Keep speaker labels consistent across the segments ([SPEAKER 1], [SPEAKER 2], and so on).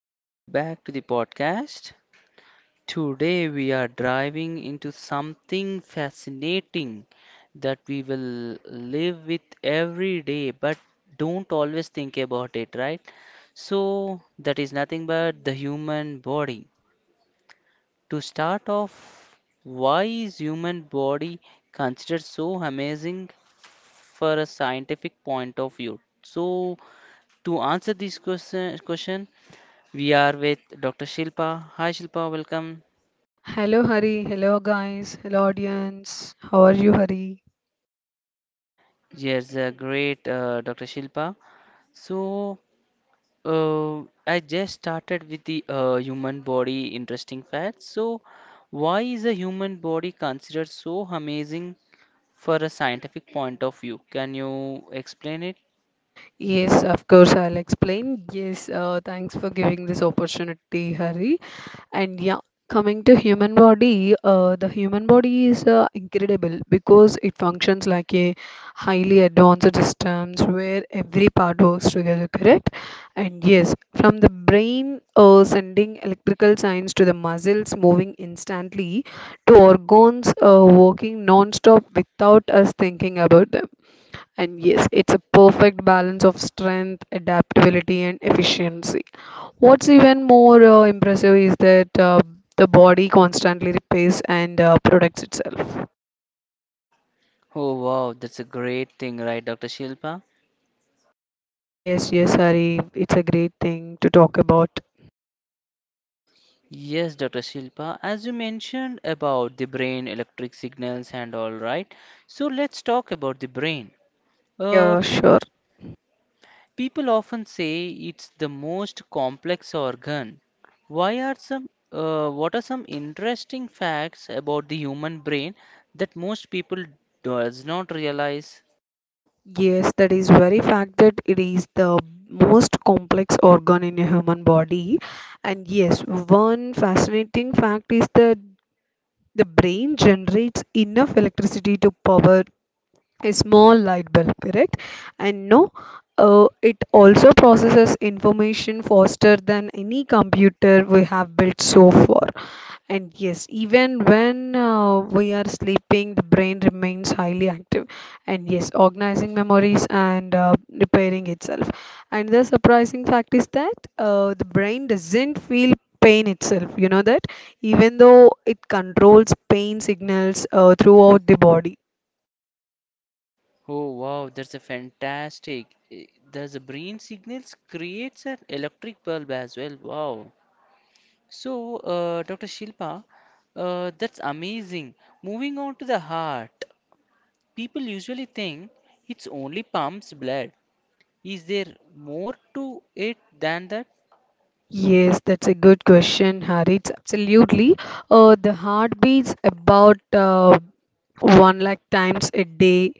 [SPEAKER 1] welcome back to the podcast. Today we are driving into something fascinating that we will live with every day but don't always think about it, right? So, that is nothing but the human body. To start off, why is human body considered so amazing for a scientific point of view? So, to answer this question we are with Dr. Shilpa. Hi, Shilpa, welcome.
[SPEAKER 2] Hello, Hari. Hello, guys. Hello, audience. How are you, Hari?
[SPEAKER 1] Yes, great, Dr. Shilpa. So, uh, I just started with the human body interesting facts. So, why is a human body considered so amazing for a scientific point of view? Can you explain it?
[SPEAKER 2] Yes, of course, I'll explain. Yes, thanks for giving this opportunity, Hari. And yeah, coming to human body, the human body is incredible because it functions like a highly advanced systems where every part works together, correct? And yes, from the brain sending electrical signs to the muscles moving instantly to organs working non-stop without us thinking about them. And yes, it's a perfect balance of strength, adaptability, and efficiency. What's even more impressive is that the body constantly repairs and protects itself.
[SPEAKER 1] Oh, wow, that's a great thing, right, Dr. Shilpa?
[SPEAKER 2] Yes, yes, Hari, it's a great thing to talk about.
[SPEAKER 1] Yes, Dr. Shilpa, as you mentioned about the brain, electric signals, and all, right? So, let's talk about the brain. Uh,
[SPEAKER 2] Yeah, sure.
[SPEAKER 1] People often say it's the most complex organ. Why are some what are some interesting facts about the human brain that most people does not realize?
[SPEAKER 2] Yes, that is very fact that it is the most complex organ in a human body. And yes, one fascinating fact is that the brain generates enough electricity to power a small light bulb, correct? And no, it also processes information faster than any computer we have built so far. And yes, even when we are sleeping, the brain remains highly active. And yes, organizing memories and repairing itself. And the surprising fact is that the brain doesn't feel pain itself. You know that even though it controls pain signals throughout the body.
[SPEAKER 1] Oh wow, that's a fantastic. Eh, There's a brain signals creates an electric bulb as well. Wow. So, Dr. Shilpa, that's amazing. Moving on to the heart, people usually think it's only pumps blood, is there more to it than that?
[SPEAKER 2] Yes, that's a good question, Harith. Absolutely. The heart beats about one lakh times a day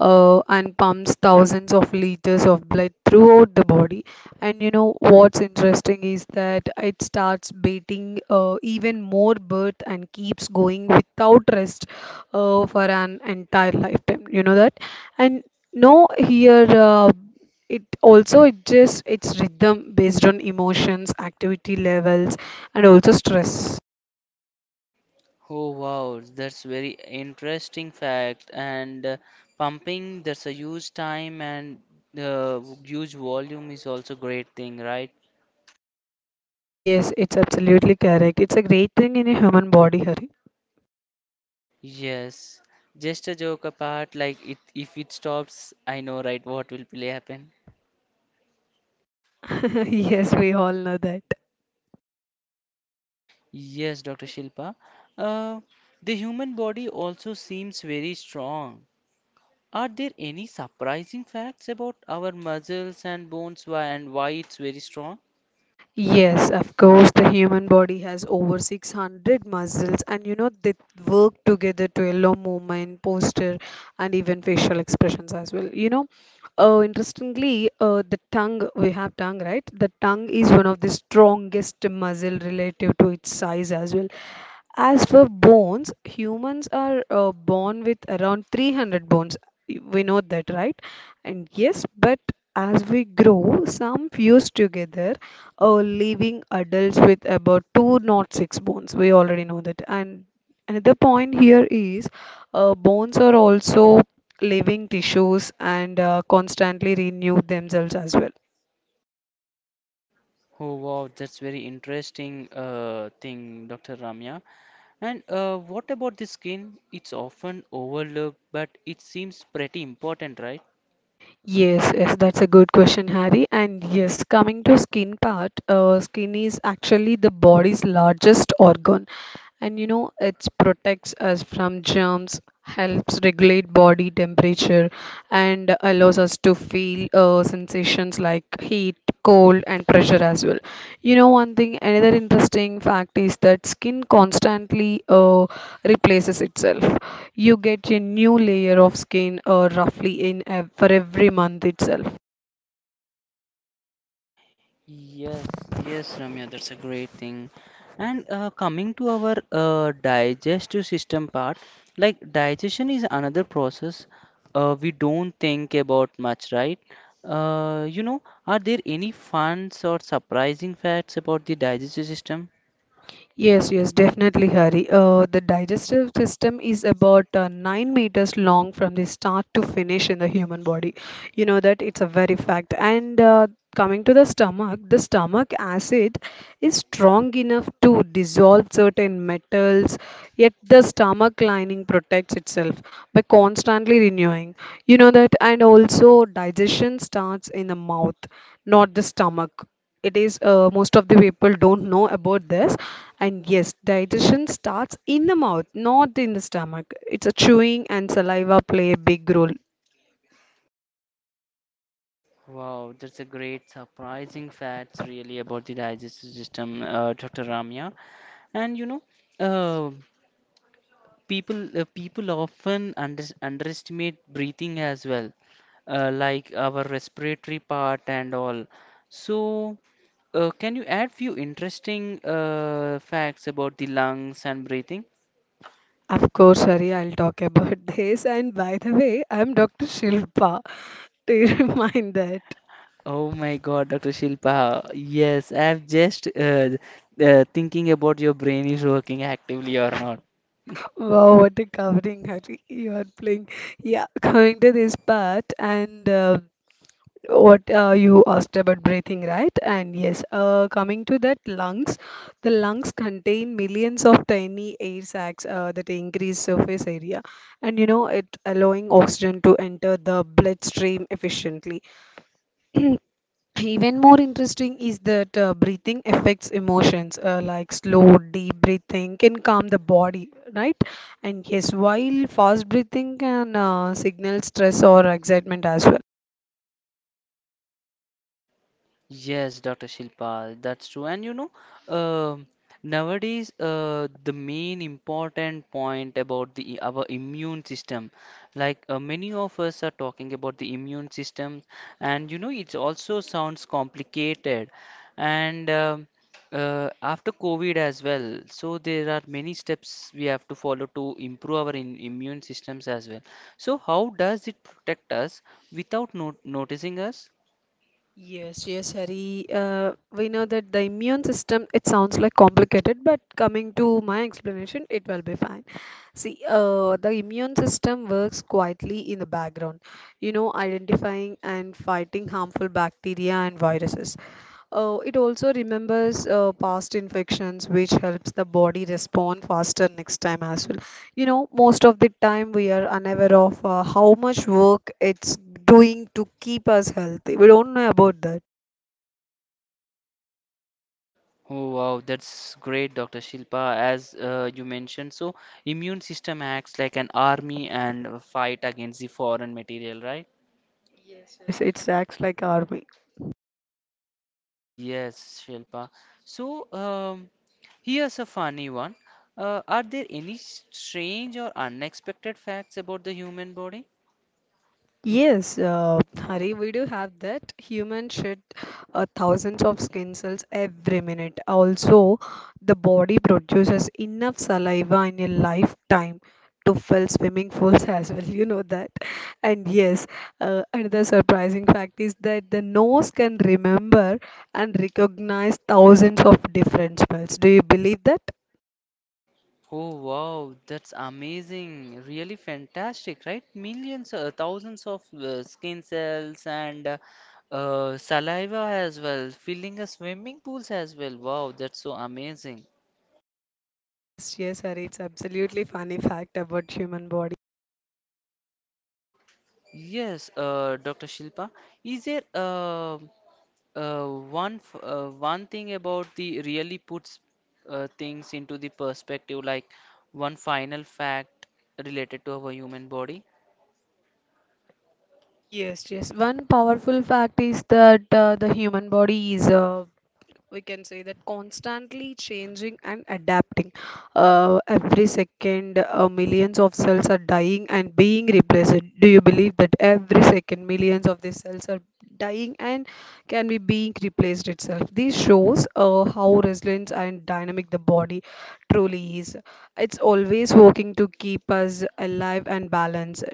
[SPEAKER 2] and pumps thousands of liters of blood throughout the body. And you know what's interesting is that it starts beating even more birth and keeps going without rest for an entire lifetime. You know that? And no, here. It also it just it's rhythm based on emotions activity levels and also stress.
[SPEAKER 1] Oh wow, that's very interesting fact. And pumping, that's a huge time and huge volume is also great thing, right?
[SPEAKER 2] Yes, it's absolutely correct, it's a great thing in a human body, Hari.
[SPEAKER 1] Yes. Just a joke apart, like it, if it stops, I know, right, what will really happen.
[SPEAKER 2] Yes, we all know that.
[SPEAKER 1] Yes, Dr. Shilpa. Uh, the human body also seems very strong. Are there any surprising facts about our muscles and bones why and why it's very strong?
[SPEAKER 2] Yes, of course, the human body has over 600 muscles, and you know they work together to allow movement, posture, and even facial expressions as well. You know, interestingly, the tongue we have tongue, right? The tongue is one of the strongest muscle relative to its size as well. As for bones, humans are born with around 300 bones. We know that, right? And yes, but as we grow, some fuse together, leaving adults with about two, not six, bones. We already know that. And another point here is bones are also living tissues and constantly renew themselves as well.
[SPEAKER 1] Oh wow, that's very interesting thing, Dr. Ramya. And what about the skin? It's often overlooked, but it seems pretty important, right?
[SPEAKER 2] Yes, yes, that's a good question, Harry. And yes, coming to skin part, skin is actually the body's largest organ, and you know it protects us from germs, helps regulate body temperature, and allows us to feel sensations like heat, cold, and pressure as well. You know, one thing, another interesting fact is that skin constantly replaces itself. You get a new layer of skin roughly for every month itself.
[SPEAKER 1] Yes, yes, Ramya, that's a great thing. And coming to our digestive system part, like digestion is another process we don't think about much, right? Uh, you know, are there any fun or surprising facts about the digestive system?
[SPEAKER 2] Yes, yes, definitely, Hari. The digestive system is about 9 meters long from the start to finish in the human body. You know that, it's a very fact. And coming to the stomach acid is strong enough to dissolve certain metals, yet the stomach lining protects itself by constantly renewing. You know that, and also digestion starts in the mouth, not the stomach. It is most of the people don't know about this. And yes, digestion starts in the mouth, not in the stomach. It's a chewing and saliva play a big role.
[SPEAKER 1] Wow, that's a great surprising facts really about the digestive system, Dr. Ramya. And you know, uh, people often underestimate breathing as well, like our respiratory part and all, so can you add few interesting facts about the lungs and breathing?
[SPEAKER 2] Of course, Hari, I'll talk about this. And by the way, I'm Dr. Shilpa, to remind that.
[SPEAKER 1] Oh my God, Dr. Shilpa. Yes, I'm just thinking about your brain is working actively or not.
[SPEAKER 2] Wow, what a covering, Hari. You are playing. Yeah, coming to this part and what you asked about breathing, right? And yes, coming to that lungs, the lungs contain millions of tiny air sacs that increase surface area, and you know it allowing oxygen to enter the bloodstream efficiently. Even more interesting is that breathing affects emotions, like slow, deep breathing can calm the body, right? And yes, while fast breathing can signal stress or excitement as well.
[SPEAKER 1] Yes, Dr. Shilpal, that's true. And you know, um nowadays the main important point about the our immune system, like many of us are talking about the immune system, and you know, it also sounds complicated. And after COVID as well, so there are many steps we have to follow to improve our in immune systems as well. So how does it protect us without not noticing us?
[SPEAKER 2] Yes, yes, Hari. We know that the immune system, it sounds like complicated, but coming to my explanation, it will be fine. See, the immune system works quietly in the background, you know, identifying and fighting harmful bacteria and viruses. It also remembers past infections, which helps the body respond faster next time as well. You know, most of the time we are unaware of how much work it's doing to keep us healthy. We don't know about that.
[SPEAKER 1] Oh wow, that's great, Dr. Shilpa. As you mentioned, so immune system acts like an army and fight against the foreign material, right?
[SPEAKER 2] Yes, yes, it acts like army.
[SPEAKER 1] Yes, Shilpa. So um, Here's a funny one. Are there any strange or unexpected facts about the human body?
[SPEAKER 2] Yes, Hari, we do have that. Human shed thousands of skin cells every minute. Also, the body produces enough saliva in a lifetime to fill swimming pools as well. You know that. And yes, another surprising fact is that the nose can remember and recognize thousands of different smells. Do you believe that?
[SPEAKER 1] Oh wow, that's amazing. Really fantastic, right? Millions, thousands of skin cells and saliva as well, filling a swimming pools as well. Wow, that's so amazing.
[SPEAKER 2] Yes, yes, Hari, it's absolutely funny fact about human body.
[SPEAKER 1] Yes, Dr. Shilpa, is there uh, one thing about the really puts things into the perspective, like one final fact related to our human body?
[SPEAKER 2] Yes, yes. One powerful fact is that the human body is, we can say that, constantly changing and adapting. Every second, millions of cells are dying and being replaced. Do you believe that every second, millions of these cells are dying and can be being replaced itself? This shows how resilient and dynamic the body truly is. It's always working to keep us alive and balanced.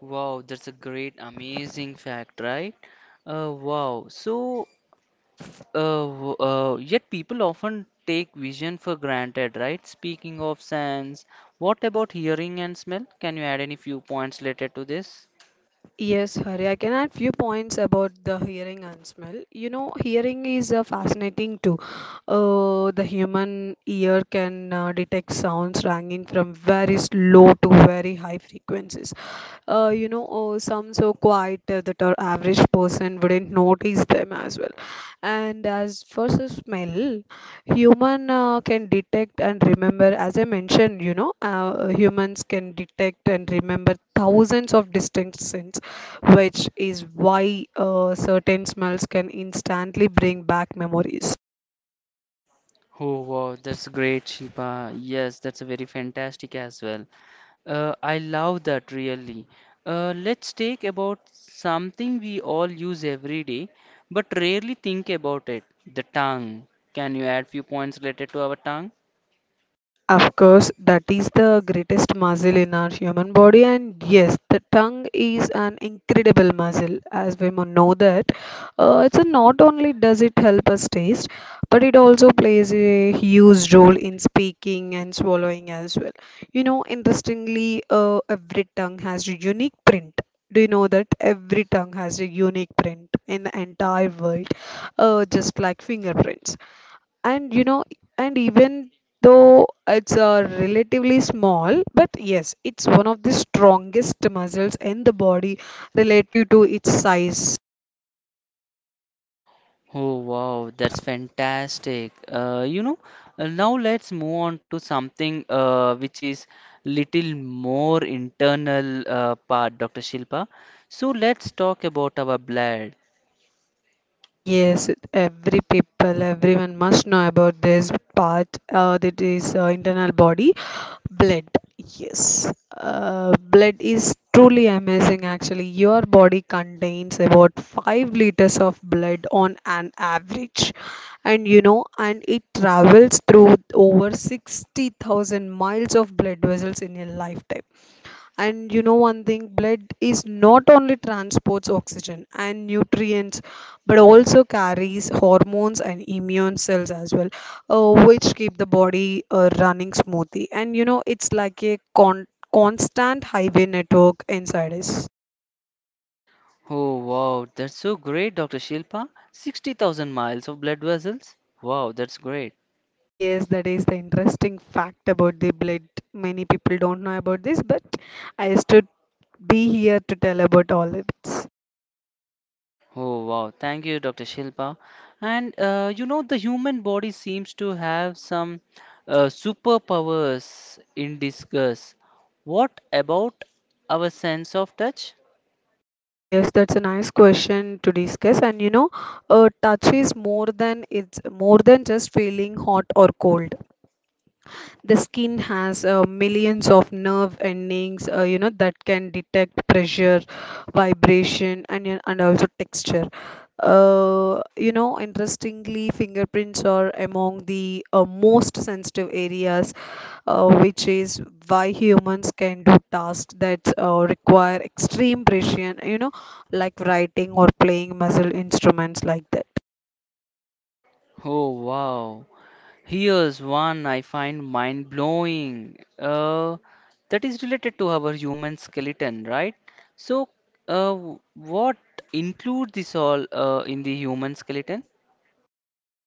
[SPEAKER 1] Wow, that's a great, amazing fact, right? Wow. So, uh, yet people often take vision for granted, right? Speaking of sense, what about hearing and smell? Can you add any few points related to this?
[SPEAKER 2] Yes, Hari, I can add few points about the hearing and smell. You know, hearing is fascinating too. The human ear can detect sounds ranging from very low to very high frequencies. Some so quiet that our average person wouldn't notice them as well. And as for the smell, human can detect and remember. As I mentioned, you know, humans can detect and remember thousands of distinct scents, which is why certain smells can instantly bring back memories.
[SPEAKER 1] Oh, wow, that's great, Shiba. Yes, that's a very fantastic as well. I love that really. Let's take about something we all use every day, but rarely think about it, the tongue. Can you add few points related to our tongue?
[SPEAKER 2] Of course, that is the greatest muscle in our human body, and yes, the tongue is an incredible muscle, as we know that. It's a not only does it help us taste, but it also plays a huge role in speaking and swallowing as well. You know, interestingly, every tongue has a unique print. Do you know that every tongue has a unique print in the entire world, just like fingerprints? And you know, and even though it's relatively small, but yes, it's one of the strongest muscles in the body relative to its size.
[SPEAKER 1] Oh wow, that's fantastic. Now let's move on to something which is little more internal part, Dr. Shilpa. So let's talk about our blood.
[SPEAKER 2] Yes, every people, everyone must know about this part, that is internal body. Blood, yes. Blood is truly amazing actually. Your body contains about 5 liters of blood on an average. And you know, and it travels through over 60,000 miles of blood vessels in a lifetime. And you know one thing, blood is not only transports oxygen and nutrients, but also carries hormones and immune cells as well, which keep the body running smoothly. And you know, it's like a constant highway network inside us.
[SPEAKER 1] Oh wow, that's so great, Dr. Shilpa. 60,000 miles of blood vessels. Wow, that's great.
[SPEAKER 2] Yes, that is the interesting fact about the blood. Many people don't know about this, but I stood be here to tell about all of it.
[SPEAKER 1] Oh wow, thank you, Dr. Shilpa. And you know, the human body seems to have some superpowers in disguise. What about our sense of touch?
[SPEAKER 2] Yes, that's a nice question to discuss. And you know, touch is more than it's more than just feeling hot or cold. The skin has millions of nerve endings you know that can detect pressure, vibration, and also texture. You know, interestingly, fingerprints are among the most sensitive areas, which is why humans can do tasks that require extreme precision, you know, like writing or playing musical instruments like that.
[SPEAKER 1] Oh wow. Here's one I find mind blowing. That is related to our human skeleton, right? So, uh, what include this all in the human skeleton?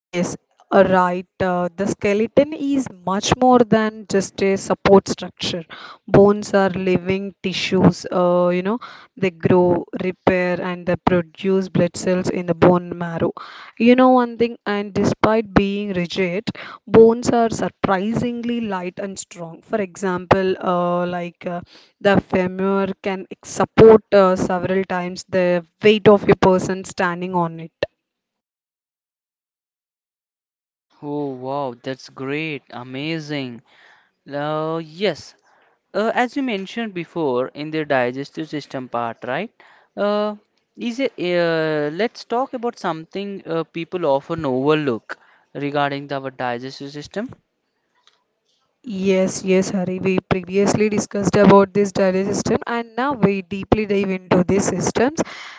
[SPEAKER 2] Yes, right. The skeleton is much more than just a support structure. Bones are living tissues. You know, they grow, repair, and they produce blood cells in the bone marrow. You know one thing, and despite being rigid, bones are surprisingly light and strong. For example, the femur can support several times the weight of a person standing on it.
[SPEAKER 1] Oh, wow, that's great, amazing. Yes, as you mentioned before in the digestive system part, right? Uh, let's talk about something people often overlook regarding the, our digestive system.
[SPEAKER 2] Yes, yes, Hari. We previously discussed about this digestive system, and now we deeply dive into these systems.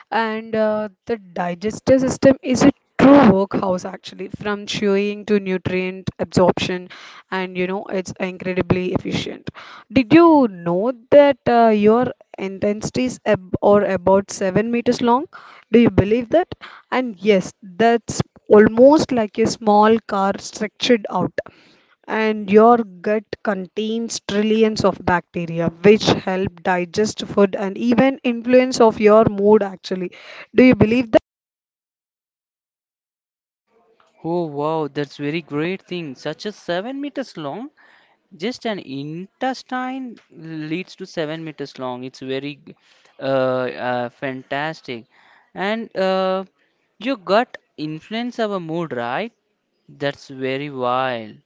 [SPEAKER 2] And the digestive system is a true workhouse, actually, from chewing to nutrient absorption, and you know it's incredibly efficient. Did you know that your intestines is ab or about 7 meters long? Do you believe that? And yes, that's almost like a small car structured out. And your gut contains trillions of bacteria which help digest food and even influence of your mood actually. Do you believe?
[SPEAKER 1] Oh wow, that's very great thing. Such a 7 meters long, just an intestine leads to 7 meters long. It's very uh, fantastic, and your gut influence our mood, right? That's very wild.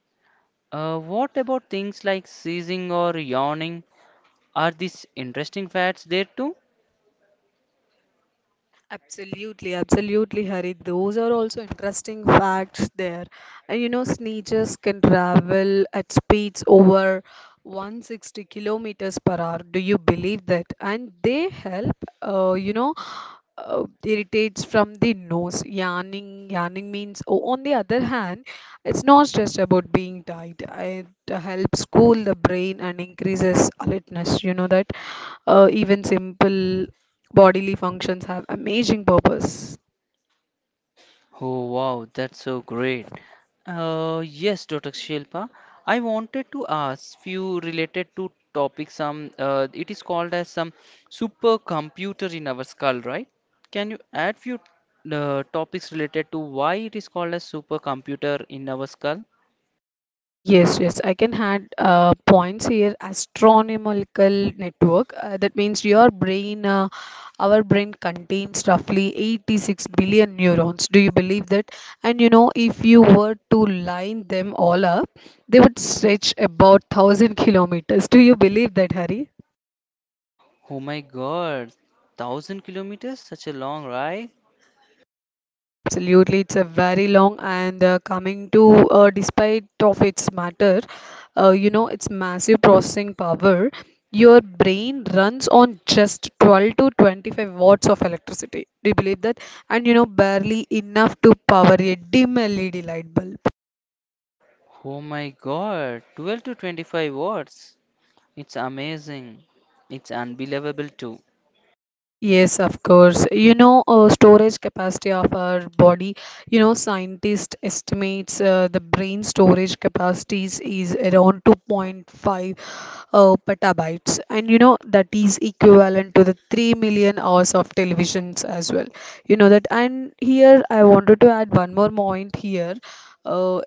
[SPEAKER 1] What about things like seizing or yawning? Are these interesting facts there too?
[SPEAKER 2] Absolutely, absolutely, Hari. Those are also interesting facts there. And you know, sneakers can travel at speeds over 160 kilometers per hour. Do you believe that? And they help, uh, you know, irritates from the nose. Yawning means, oh, on the other hand, it's not just about being tight. It helps cool the brain and increases alertness. You know that even simple bodily functions have amazing purpose.
[SPEAKER 1] Oh wow, that's so great. Yes, Dr. Shilpa, I wanted to ask few related to topic. Some it is called as some supercomputer in our skull, right? Can you add few topics related to why it is called as supercomputer in our skull?
[SPEAKER 2] Yes, yes, I can add points here. Astronomical network. That means your brain, Our brain contains roughly 86 billion neurons. Do you believe that? And you know, if you were to line them all up, they would stretch about 1,000 kilometers. Do you believe that, Hari?
[SPEAKER 1] Oh my God, 1000 kilometers, such a long ride.
[SPEAKER 2] Yes, absolutely. It's a very long and coming to despite of its matter, you know, its massive processing power, your brain runs on just 12 to 25 watts of electricity. Do you believe that? And you know, barely enough to power a dim LED light bulb.
[SPEAKER 1] Oh my God, 12 to 25 watts. It's amazing. It's unbelievable too.
[SPEAKER 2] Yes, of course. You know, storage capacity of our body. You know, scientists estimates the brain storage capacities is around 2.5 petabytes, and you know that is equivalent to the 3 million hours of televisions as well. You know that, and here I wanted to add one more point here. Uh,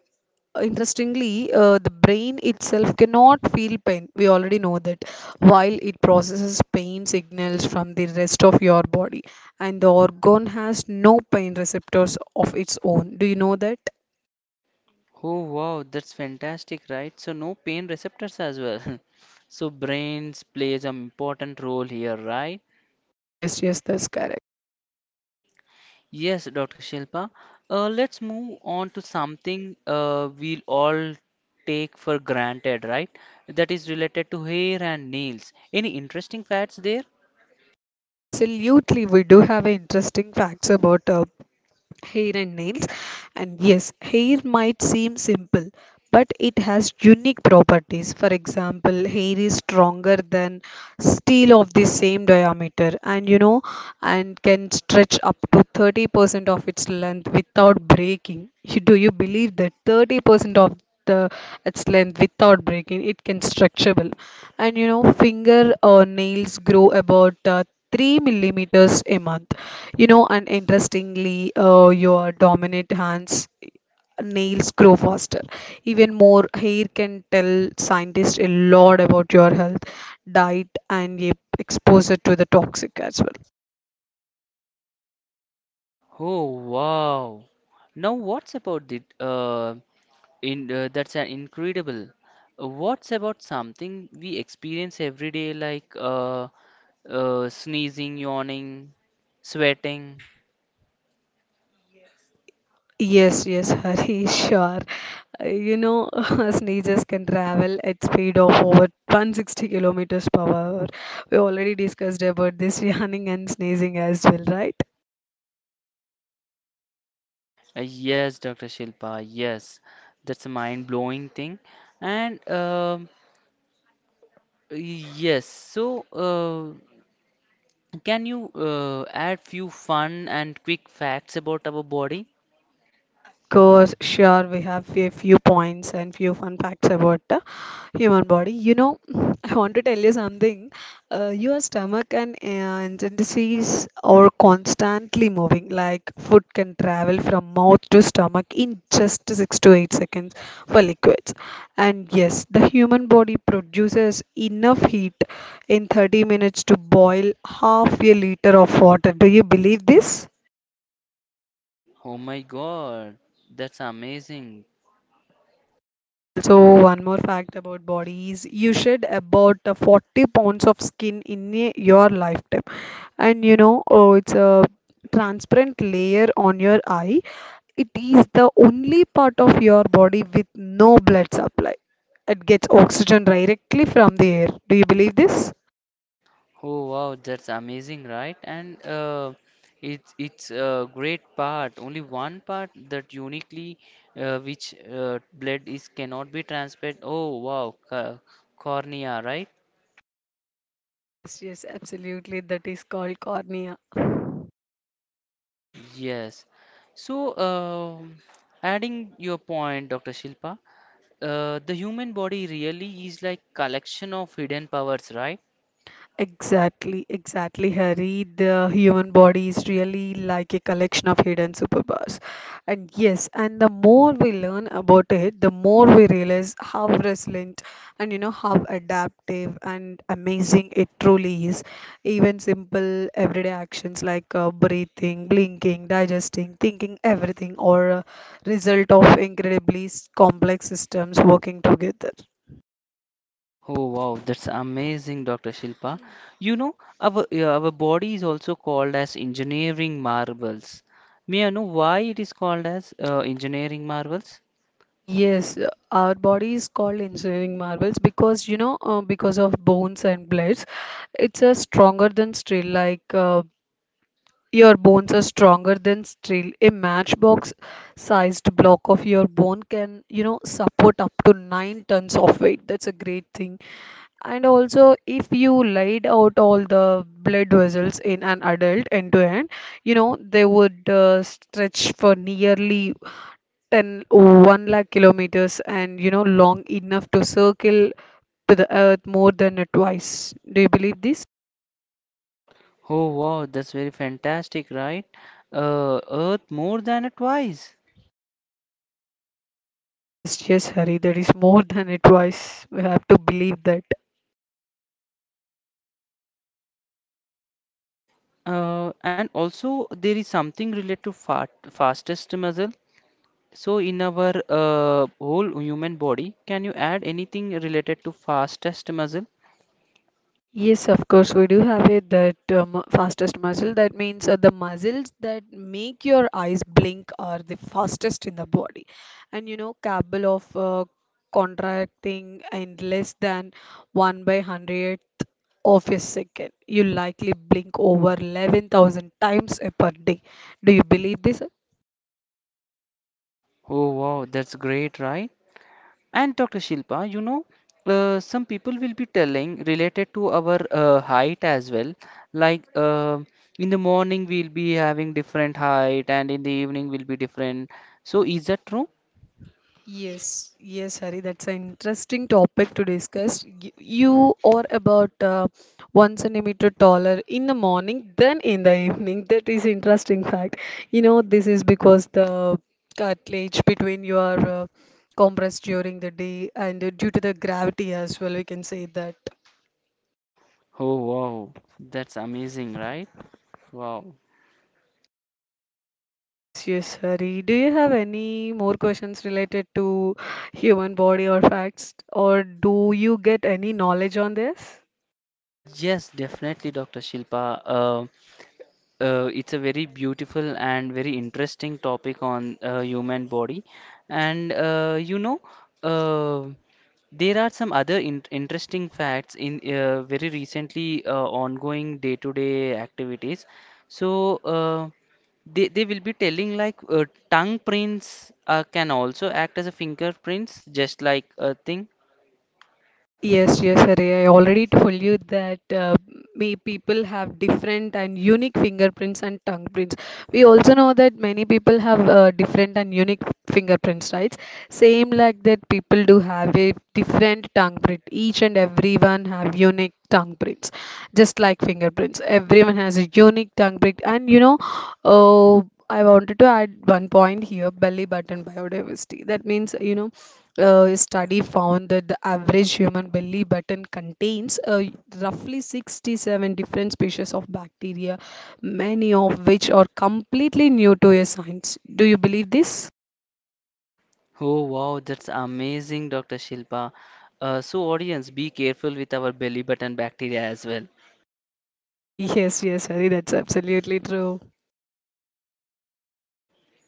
[SPEAKER 2] interestingly, the brain itself cannot feel pain. We already know that while it processes pain signals from the rest of your body, and the organ has no pain receptors of its own. Do you know that?
[SPEAKER 1] Oh wow, that's fantastic, right? So no pain receptors as well. So brains plays an important role here, right?
[SPEAKER 2] Yes, yes, that's correct.
[SPEAKER 1] Yes, Dr. Shilpa. Let's move on to something we'll all take for granted, right? That is related to hair and nails. Any interesting facts there?
[SPEAKER 2] Absolutely, we do have interesting facts about hair and nails. And yes, hair might seem simple, but it has unique properties. For example, hair is stronger than steel of the same diameter, and you know, and can stretch up to 30% of its length without breaking. Do you believe that 30% of the its length without breaking it can stretchable, and you know finger or nails grow about 3 millimeters a month, you know, and interestingly, your dominant hands nails grow faster. Even more, hair can tell scientists a lot about your health, diet, and your exposure to the toxic as
[SPEAKER 1] Oh wow. Now what's about the that's an incredible. What's about something we experience every day, like sneezing, yawning, sweating?
[SPEAKER 2] well. Yes, yes, Hari, sure. You know, sneezes can travel at speed of over 160 kilometers per hour. We already discussed about this, yawning and sneezing as well, right?
[SPEAKER 1] Yes, Dr. Shilpa, yes, that's a mind-blowing thing. And Yes, so can you add few fun and quick facts about our body?
[SPEAKER 2] Of course, sure, we have a few points and few fun facts about the human body. You know, I want to tell you something. Your stomach and intestines are constantly moving. Like food can travel from mouth to stomach in just 6 to 8 seconds for liquids. And yes, the human body produces enough heat in 30 minutes to boil half a liter of water. Do you believe this?
[SPEAKER 1] Oh my God, that's amazing.
[SPEAKER 2] Also, one more fact about bodies: you shed about 40 pounds of skin in your lifetime, and you know, oh, it's a transparent layer on your eye. It is the only part of your body with no blood supply. It gets oxygen directly from the air. Do you believe this?
[SPEAKER 1] Oh wow, that's amazing, right? And it's a great part. Only one part that uniquely which blood is cannot be transferred. Oh wow, cornea, right?
[SPEAKER 2] Yes, yes, absolutely. That is called cornea.
[SPEAKER 1] Yes. So, adding your point, Dr. Shilpa, the human body really is like collection of hidden powers, right?
[SPEAKER 2] Exactly, exactly, Hari. The human body is really like a collection of hidden superpowers. And yes, and the more we learn about it, the more we realize how resilient and you know how adaptive and amazing it truly is. Even simple everyday actions like breathing, blinking, digesting, thinking, everything, or a result of incredibly complex systems working together.
[SPEAKER 1] Oh wow, that's amazing, Dr. Shilpa. You know, our body is also called as engineering marvels. May I know why it is called as engineering marvels?
[SPEAKER 2] Yes, our body is called engineering marvels because you know because of bones and blades, it's a stronger than steel. Like your bones are stronger than steel. A matchbox-sized block of your bone can, you know, support up to nine tons of weight. That's a great thing. And also, if you laid out all the blood vessels in an adult end to end, you know they would stretch for nearly Ten one lakh kilometers, and you know long enough to circle to the earth more than a twice. Do you believe this?
[SPEAKER 1] Oh wow, that's very fantastic, right? Earth more than twice.
[SPEAKER 2] Yes, yes, Hari, that is more than a twice. We have to believe that.
[SPEAKER 1] And also there is something related to fat, fastest muscle. So in our whole human body, can you add anything related to fastest muscle?
[SPEAKER 2] Yes, of course, we do have it that fastest muscle. That means the muscles that make your eyes blink are the fastest in the body. And you know, cable of contracting in less than 1 by 100th of a second. You likely blink over 11,000 times a per day. Do you believe this?
[SPEAKER 1] Oh wow, that's great, right? And Dr. Shilpa, you know, some people will be telling related to our height as well. Like in the morning, we'll be having different height, and in the evening, will be different. So, is that true?
[SPEAKER 2] Yes, yes, Hari, that's an interesting topic to discuss. You are about one centimeter taller in the morning than in the evening. That is interesting fact. You know, this is because the cartilage between your compressed during the day and due to the gravity as well, we can say that.
[SPEAKER 1] Oh, wow. That's amazing, right? Wow.
[SPEAKER 2] Yes, yes, Hari. Do you have any more questions related to human body or facts, or do you get any knowledge on this?
[SPEAKER 1] Yes, definitely, Dr. Shilpa. It's a very beautiful and very interesting topic on human body, and uh, there are some other in interesting facts in very recently ongoing day-to-day activities. So they will be telling like tongue prints can also act as a fingerprints, just like a thing.
[SPEAKER 2] Yes, yes, Arey. I already told you that me people have different and unique fingerprints and tongue prints. We also know that many people have different and unique fingerprints, right? Same like that, people do have a different tongue print. Each and everyone have unique tongue prints, just like fingerprints. Everyone has a unique tongue print, and uh, I wanted to add one point here: belly button biodiversity. That means you know a study found that the average human belly button contains roughly 67 different species of bacteria, many of which are completely new to your science. Do you believe this?
[SPEAKER 1] Oh wow, that's amazing, Dr. Shilpa. So audience, be careful with our belly button bacteria as well.
[SPEAKER 2] Yes, yes, Hari, that's absolutely true.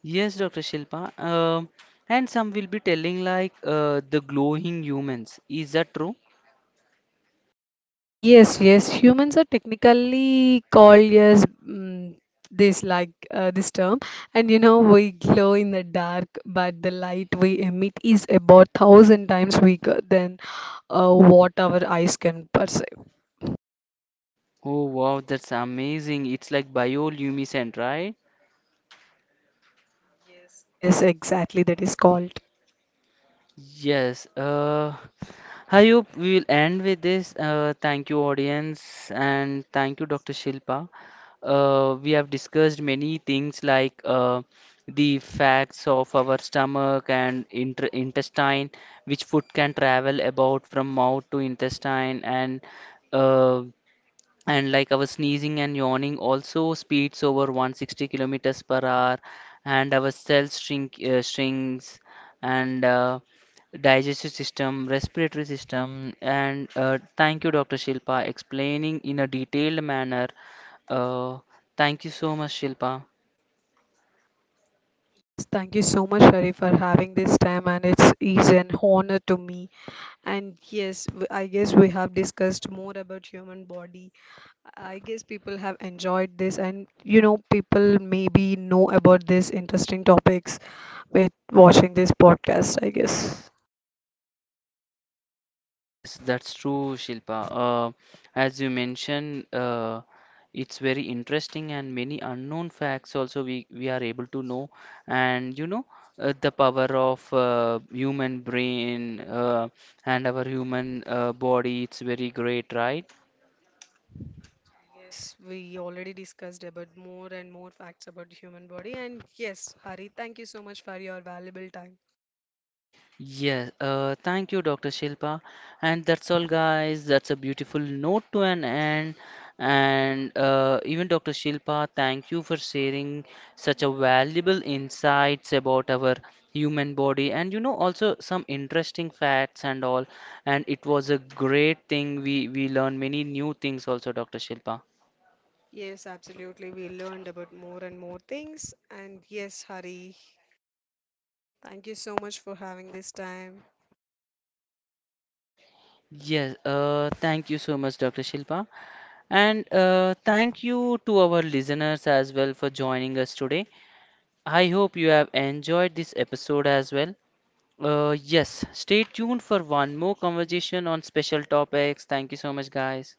[SPEAKER 1] Yes, Dr. Shilpa. And some will be telling like the glowing humans. Is that true?
[SPEAKER 2] Yes, yes. Humans are technically called as mm, this like this term, and you know we glow in the dark, but the light we emit is about 1,000 times weaker than what our eyes can perceive.
[SPEAKER 1] Oh wow, that's amazing. It's like bioluminescent, right?
[SPEAKER 2] Is exactly that is called.
[SPEAKER 1] Yes, I hope we will end with this. Thank you, audience, and thank you, Dr. Shilpa. We have discussed many things like the facts of our stomach and inter intestine, which food can travel about from mouth to intestine, and uh, and like our sneezing and yawning also speeds over 160 kilometers per hour and our cells shrinks and digestive system respiratory system and thank you Dr. Shilpa explaining in a detailed manner. uh, Thank you so much, Shilpa.
[SPEAKER 2] Yes, thank you so much, Sharif, for having this time, and it's is an honor to me. And yes, I guess we have discussed more about human body. I guess people have enjoyed this, and you know, people maybe know about these interesting topics with watching this podcast, I guess.
[SPEAKER 1] Yes, that's true, Shilpa. As you mentioned, it's very interesting and many unknown facts also we are able to know. And you know, the power of human brain and our human body, it's very great, right?
[SPEAKER 2] Yes, we already discussed about more and more facts about the human body. And yes, Hari, thank you so much for your valuable time.
[SPEAKER 1] Yes, thank you, Dr. Shilpa. And that's all, guys. That's a beautiful note to an end. And even Dr. Shilpa, thank you for sharing such a valuable insights about our human body and you know also some interesting facts and all. And it was a great thing. We learned many new things also, Dr. Shilpa.
[SPEAKER 2] Yes, absolutely. We learned about more and more things. And yes, Hari, thank you so much for having this time.
[SPEAKER 1] Yes, thank you so much, Dr. Shilpa. And thank you to our listeners as well for joining us today. I hope you have enjoyed this episode as well. Yes, stay tuned for one more conversation on special topics. Thank you so much, guys.